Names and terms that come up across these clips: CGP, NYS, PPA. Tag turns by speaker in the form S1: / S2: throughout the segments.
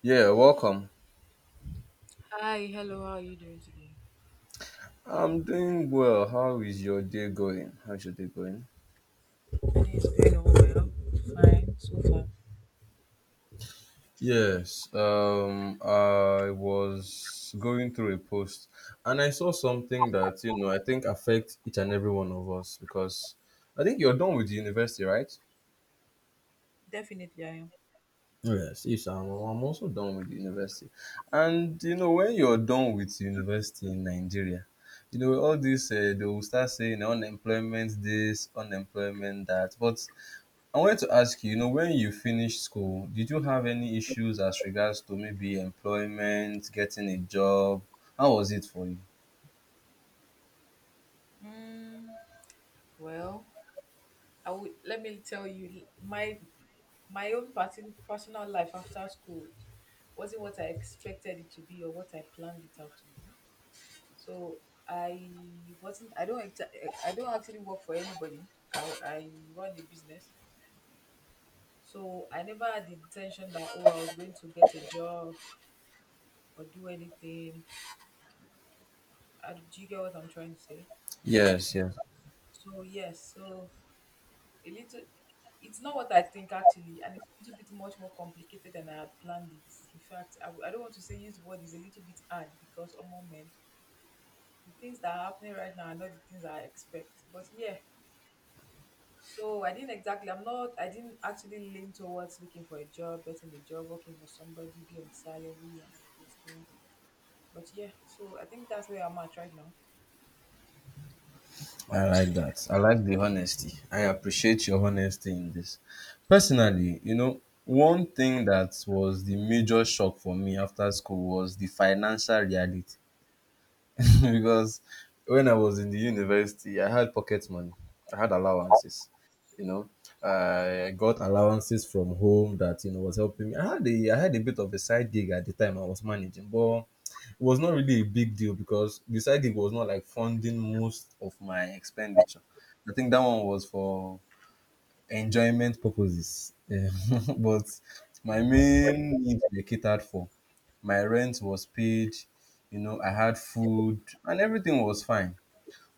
S1: Yeah, welcome.
S2: Hi, hello, how are you doing today?
S1: I'm doing well. How is your day going? How's your day going?
S2: It's going on well. Fine so far.
S1: Yes, I was going through a post and I saw something that, you know, I think affects each and every one of us because I think you're done with the university, right?
S2: Definitely I am.
S1: Yes, yes, I'm also done with the university. And, you know, when you're done with university in Nigeria, you know, all this, they will start saying unemployment this, unemployment that. But I wanted to ask you, you know, when you finished school, did you have any issues as regards to maybe employment, getting a job? How was it for you?
S2: Mm, well, I would, let me tell you, my own personal life after school wasn't what I expected it to be or what I planned it out to be. So I wasn't. I don't. I don't actually work for anybody. I run a business. So I never had the intention that oh I was going to get a job or do anything. Do you get what I'm trying to say?
S1: Yes, yes,
S2: So yes, so a little it's not what I think actually, and it's a little bit much more complicated than I had planned it. In fact, I don't want to say use the word is a little bit hard because among men, the things that are happening right now are not the things I expect. But yeah, so I didn't exactly. I'm not. I didn't actually lean towards looking for a job, getting a job, working for somebody, be on salary, and all of those things. But yeah, so I think that's where I'm at right now.
S1: I like that. I like the honesty. I appreciate your honesty in this. Personally, you know, one thing that was the major shock for me after school was the financial reality. Because when I was in the university, I had pocket money. I had allowances. You know, I got allowances from home that you know was helping me. I had a bit of a side gig at the time I was managing, but it was not really a big deal because the side gig was not like funding most of my expenditure. I think that one was for enjoyment purposes, yeah. But my main needs were catered for. My rent was paid. You know, I had food and everything was fine.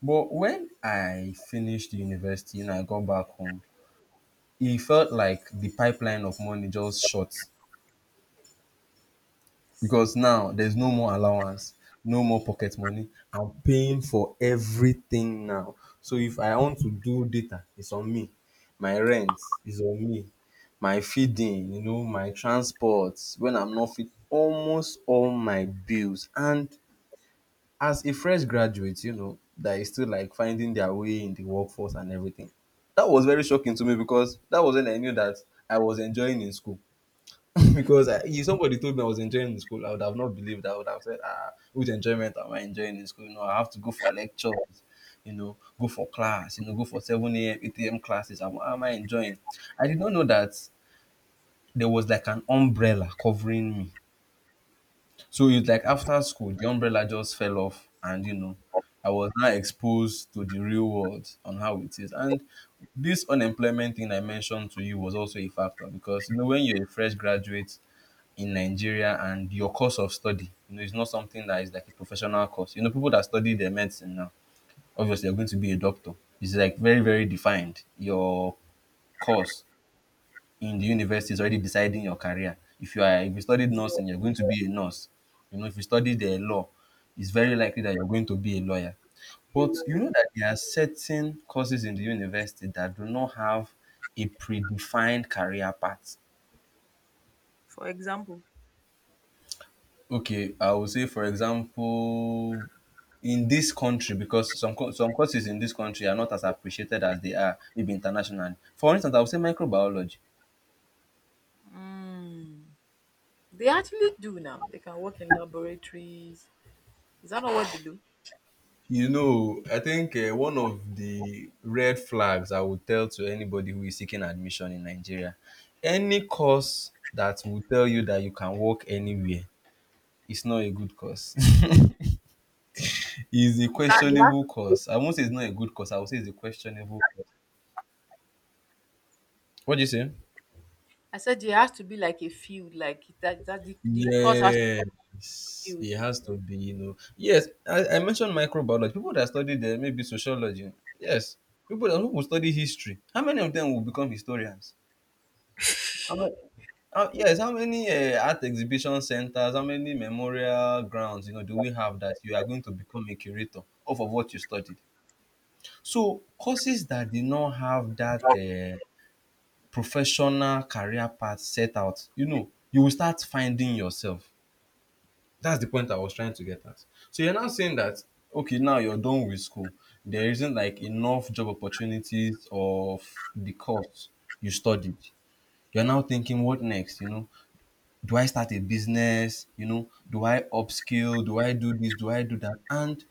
S1: But when I finished university and I got back home, it felt like the pipeline of money just short
S2: This-
S1: because
S2: yeah.
S1: now there's no more allowance, no more pocket money. I'm paying for everything now. So if I want to do data, it's on me. My rent is on me. My feeding, you know, my transport, when I'm not fit, almost all my bills. And as a fresh graduate, you know, that is still like finding their way in the workforce and everything. That was very shocking to me because that was when I knew that I was enjoying in school. If somebody told me I was enjoying in school, I would have not believed. I would have said, ah, which enjoyment am I enjoying in school? You know, I have to go for lectures, you know, go for class, you know, go for 7 a.m., 8 a.m. classes. Am I enjoying? I did not know that there was like an umbrella covering me. So it's like after school, the umbrella just fell off, and you know, I was now exposed to the real world on how it is. And this unemployment thing I mentioned to you was also a factor because you know when you're a fresh graduate in Nigeria and your course of study, you know, it's not something that is like a professional course. You know, people that study their medicine now, obviously, they're going to be a doctor. It's like very defined. Your course in the university is already deciding your career. If you studied
S2: You're
S1: nursing, you're going to be a nurse. You know, if you studied the law, it's very likely that you're going to be a lawyer.
S2: a
S1: But you know
S2: lawyer,
S1: that there are certain courses in the university that do not have a predefined career path.
S2: for example.
S1: Okay, I would say, for example, in this country, because some courses in this country are not as appreciated as they are maybe internationally. For instance, I would say microbiology.
S2: Mm. They actually do now. They can work in laboratories. Is that not what they do?
S1: You know, I think one of the red flags I would tell to anybody who is seeking admission in Nigeria, any course that will tell you that you can work anywhere is not a good course. It's a
S2: It has, they have?
S1: questionable
S2: To,
S1: course. I won't say it's not a good course. I would say it's a questionable course. What do you say?
S2: I said there has to be like a field, like that, that the course has to be
S1: Yes,
S2: field.
S1: it has to be, you know. Yes, I mentioned microbiology. People that study there, maybe sociology. Yes, people that who will study history. How many of them will become historians? How many, yes, how many art exhibition centers, how many memorial grounds, you know, do we have that you are going to become a curator of what you studied? So courses that did not have that professional career path set out, you know, you will start finding yourself. That's the point I was trying to get at. So you're now saying that okay, now you're done with school. There isn't like enough job opportunities of the course you studied. You're now thinking, what next? You know, do I start a business? You know, do I upskill? Do I do this? Do I do that? And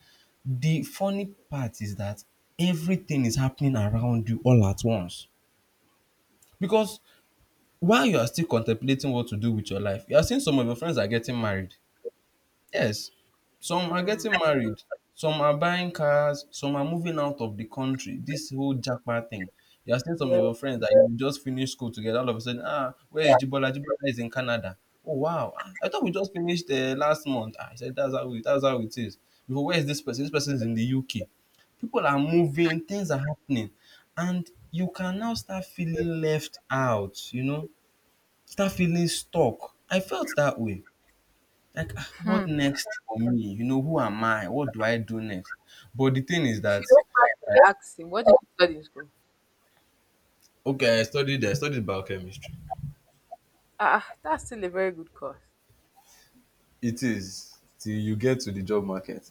S1: the funny part is that everything is happening around you all at once. Because while you are still contemplating what to do with your life, you are seeing some of your friends are getting married. Yes, some are
S2: Mm,
S1: getting married, some are buying cars, some are moving out of the country. This whole Japan thing. You are seeing some
S2: yeah.
S1: of your friends that you just finished school together. All of a sudden, ah, where is Jibola? Jibola is in Canada. Oh wow! Ah, I thought we just finished last month. Ah, I said that's how it is. Before, where is this person? This person is in the UK. People are moving. Things are happening, and you can now start feeling left out. You know, start feeling stuck. I felt that way like, ah, what next for me? You know, who am I? What do I do next? But the thing is
S2: If you
S1: that
S2: don't pass, they ask him, what did you study in school?
S1: okay, I studied biochemistry.
S2: Ah, ah, that's still a very good course.
S1: It is till you get to the job market.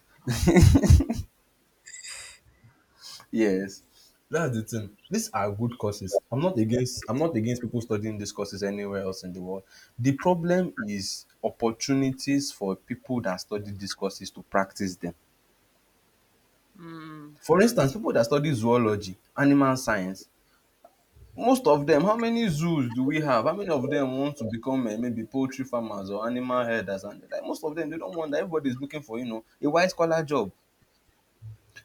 S1: Yes. That's the thing. These are good courses. I'm not against people studying these courses anywhere else in the world. The problem is opportunities for people that study these courses to practice them.
S2: Mm.
S1: For instance, people that study zoology, animal science, most of them, how many zoos do we have? How many of them want to become maybe poultry farmers or animal herders? And like most of them, they don't want that. Everybody's looking for you know a white collar job.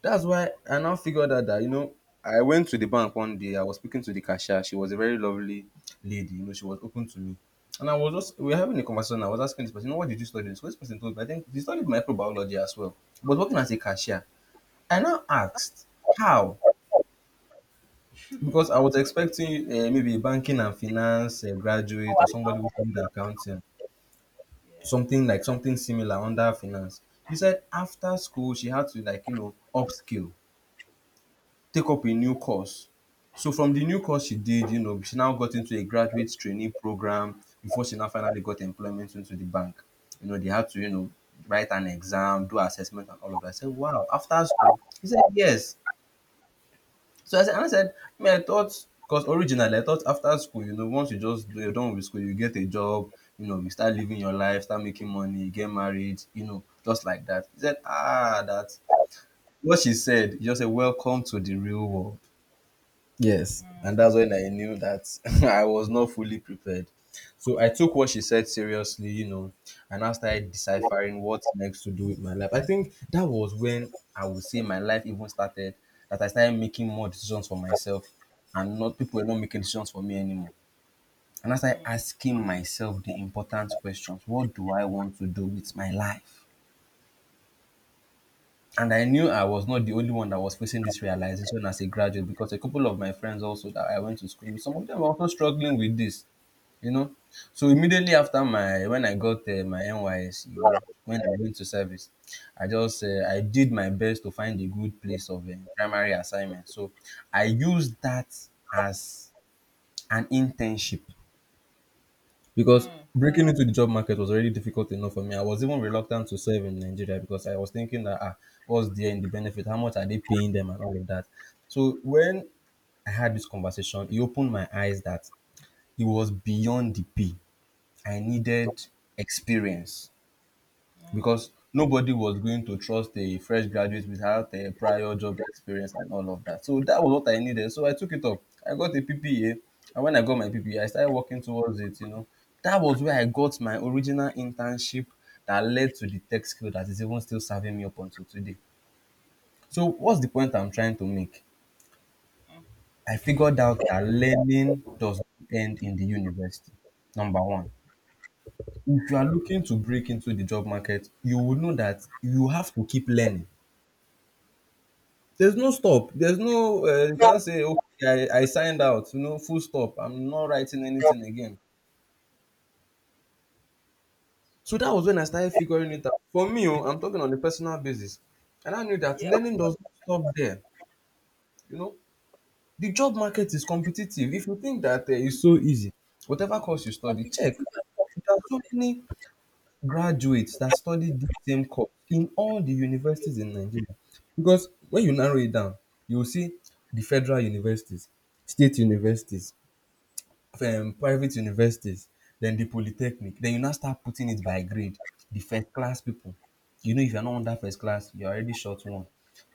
S1: That's why I now figured out that you know I went to the bank one day. I was speaking to the cashier. She was a very lovely lady. You know, she was open to me. And I was just we were having a conversation. I was asking this person, you know, what did you study? So this person told me, I think he studied microbiology as well, but working as a cashier. I now asked how. Because I was expecting maybe a banking and finance
S2: Oh,
S1: graduate
S2: I
S1: or somebody who
S2: found-
S1: studied accounting,
S2: yeah.
S1: something similar under finance. He said after school she had to like you know upskill, take up a new course. So from the new course she did, you know, she now got into a graduate training program before she now finally got employment into the bank. You know, they had to you know write an exam, do assessment and all of that. I said, wow, after school. He said yes. So I said, me, I thought, because originally I thought after school, you know, once you're done with school, you get a job, you know, you start living your life, start making money, get married, you know, just like that. He said, ah, that. What she said, he just said, welcome to the real world. Yes,
S2: Mm,
S1: and that's when I knew that I was not fully prepared. So I took what she said seriously, you know, and I started deciphering what next to do with my life. I think that was when I would say my life even started, that I started making more decisions for myself and not people were not making decisions for me anymore. And I started
S2: mm,
S1: asking myself the important questions. What do I want to do with my life? And I knew I was not the only one that was facing this realization as a graduate because a couple of my friends also that I went to school with, some of them were also struggling with this, you know. So immediately after my when I got my NYS, you know, when I went to service, I did my best to find a good place of primary assignment. So I used that as an internship because
S2: mm,
S1: breaking into the job market was already difficult enough for me. I was even reluctant to serve in Nigeria because I was thinking that ah, what's there in the benefit? How much are they paying them and all of that? So when I had this conversation, it opened my eyes that it was beyond the pay. I needed experience
S2: mm.
S1: because nobody was going to trust a fresh graduate without a prior job experience and all of that. So that was what I needed. So I took it up. I got a PPA, and when I got my PPA, I started working towards it. You know, that was where I got my original internship that led to the tech skill that is even still serving me up until today. So what's the point I'm trying to make? I figured out that learning does not end in the university. Number one. If you are looking to break into the job market, you would know that you have to keep learning. There's no stop. There's no you can't say okay, I signed out. You know, full stop. I'm not writing anything again. So that was when I started figuring it out. For me, oh, I'm talking on a personal basis, and I knew that
S2: Yeah.
S1: learning does not stop there. You know, the job market is competitive. If you think that it's so easy, whatever course you study, check.
S2: Competitive advantage
S1: There are so many graduates that study the same course in all the universities in Nigeria. Because when you narrow it down, you will see the federal universities, state universities, private universities, then the polytechnic. Then you now start putting it by grade. The first class people, you know, if you're not under first class, you're already short one.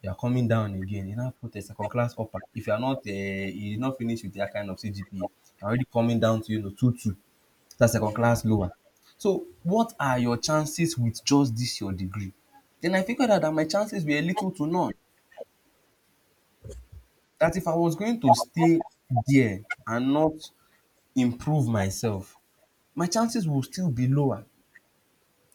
S1: You're coming down again. You now put a second class upper. If you're not, you did not finish with that kind of CGP, you're already coming down to you know two two. That's second class lower. So what are your chances with just this your degree? Then I figured out that my chances were little to none. That if I was going to stay there and not improve myself, my chances will still be lower.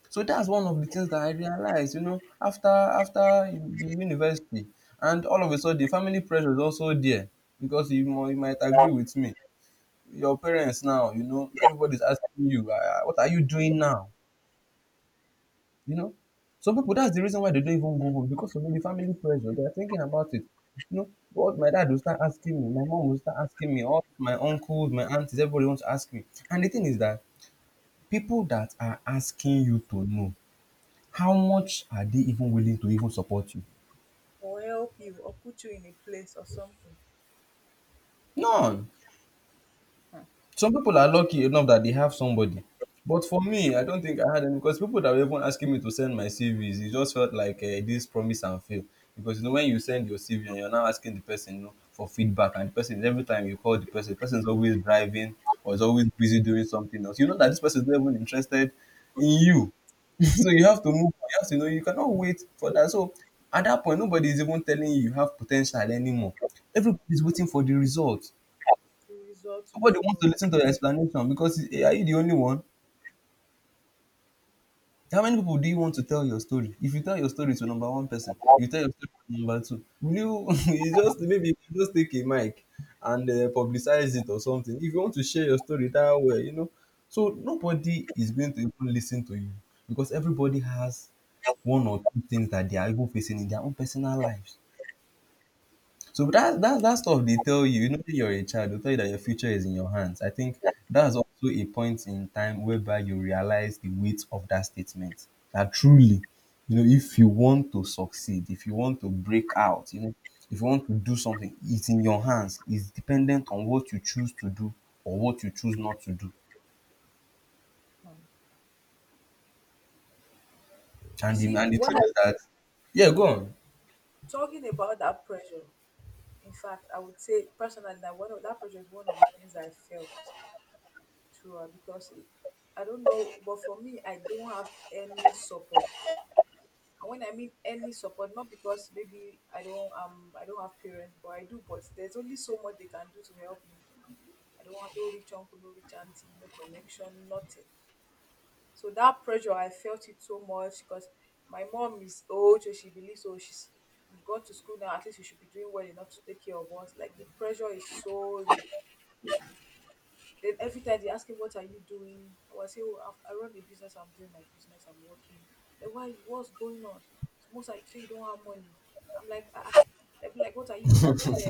S1: So that's one of the things that I realized, you know, after the university. And all of a sudden, the family pressure is also there because you, you might agree with me. Your parents now, you know, everybody's asking you, what are you doing now? You know, some people, that's the reason why they don't even go home because of the family pressure. They are thinking about it. You know, what my dad will start asking me, my mom will start asking me, all my uncles, my aunties, everybody wants to ask me. And the thing is that people that are asking you to know, how much are they even willing to even support you?
S2: will help you or put you in a place or something.
S1: None.
S2: Hmm.
S1: Some people are lucky enough that they have somebody. But for me, I don't think I had any because people that were even asking me to send my CVs, it just felt like this promise and fail. Because you know, when you send your CV and you're now asking the person you know, for feedback, and the person every time you call the person is always driving or is always busy doing something else. You know that this person is not even interested in you. So you
S2: You
S1: have
S2: use
S1: to move on. You have to know you cannot wait for that. So at that point, nobody is even telling you you have potential anymore. Everybody is waiting for the result.
S2: the result to
S1: Nobody wants to
S2: show.
S1: listen to your explanation because eh, are you the only one? How many people do you want to tell your story? If you tell your story to number one person, you tell your story to number two. Will you, you just maybe you could just take a mic and publicize it or something. If you want to share your story that way, you know. So nobody is going to even listen to you because everybody has one or two things that they are even facing in their own personal lives. So that stuff they tell you, you know, when you're a child, they tell you that your future is in your hands. I think that's also a point in time whereby you realize the weight of that statement. That truly, you know, if you want to succeed, if you want to break out, you know, if you want to do something, it's in your hands. It's dependent on what you choose to do or what you choose not to do.
S2: Hmm. You
S1: And the
S2: see,
S1: and the
S2: what
S1: truth is
S2: I
S1: that, yeah, go on.
S2: talking about that pressure, in fact, I would say personally that one of that pressure is one of the things I felt throughout because I don't know, but for me, I don't have any support. And when I mean any support, not because maybe I don't have parents, but I do. But there's only so much they can do to help me. I don't have no rich uncle, no rich auntie, no connection, nothing. So that pressure, I felt it so much because my mom is old, so she believes, oh, she's you've gone to school now, at least you should be doing well enough to take care of us. Like the pressure is so real. Then every time they ask me, what are you doing? I was say, oh, I run the business, I'm doing my business, I'm working. Like, why? What's going on? Most like, say you don't have money. I'm like, ah, ah." They'll be like, what are you doing there?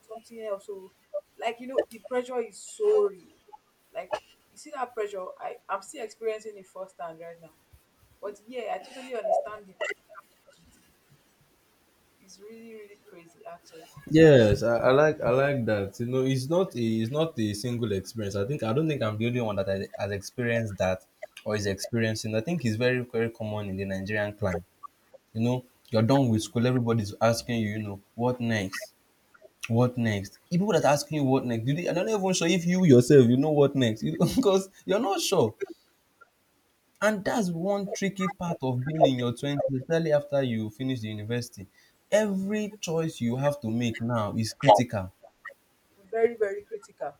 S2: Something else. So, like, you know, the pressure is so real. Like, you see that pressure? I'm still experiencing it firsthand right now. But yeah, I totally understand the it's really, really crazy actually.
S1: Yes, I like I like that. You know, it's not a single experience. I don't think I'm the only one that has experienced that or is experiencing. I think it's very common in the Nigerian climate. You know, you're done with school, everybody's asking you, you know, what next? What next? Even people that are asking you what next, do they, I'm not even sure if you yourself you know what next, you because you're not sure. And that's one tricky part of being in your twenties, especially after you finish the university. Every choice you have to make now is critical
S2: Very, very critical.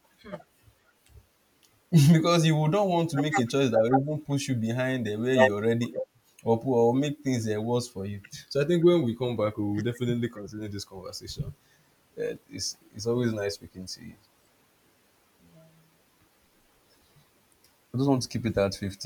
S1: because you would not want to make a choice that will even push you behind the where you're already at or, or make things worse for you. So I think when we come back, we will definitely continue this conversation. It's always nice speaking to you.
S2: Yeah.
S1: I just want to keep it at 15.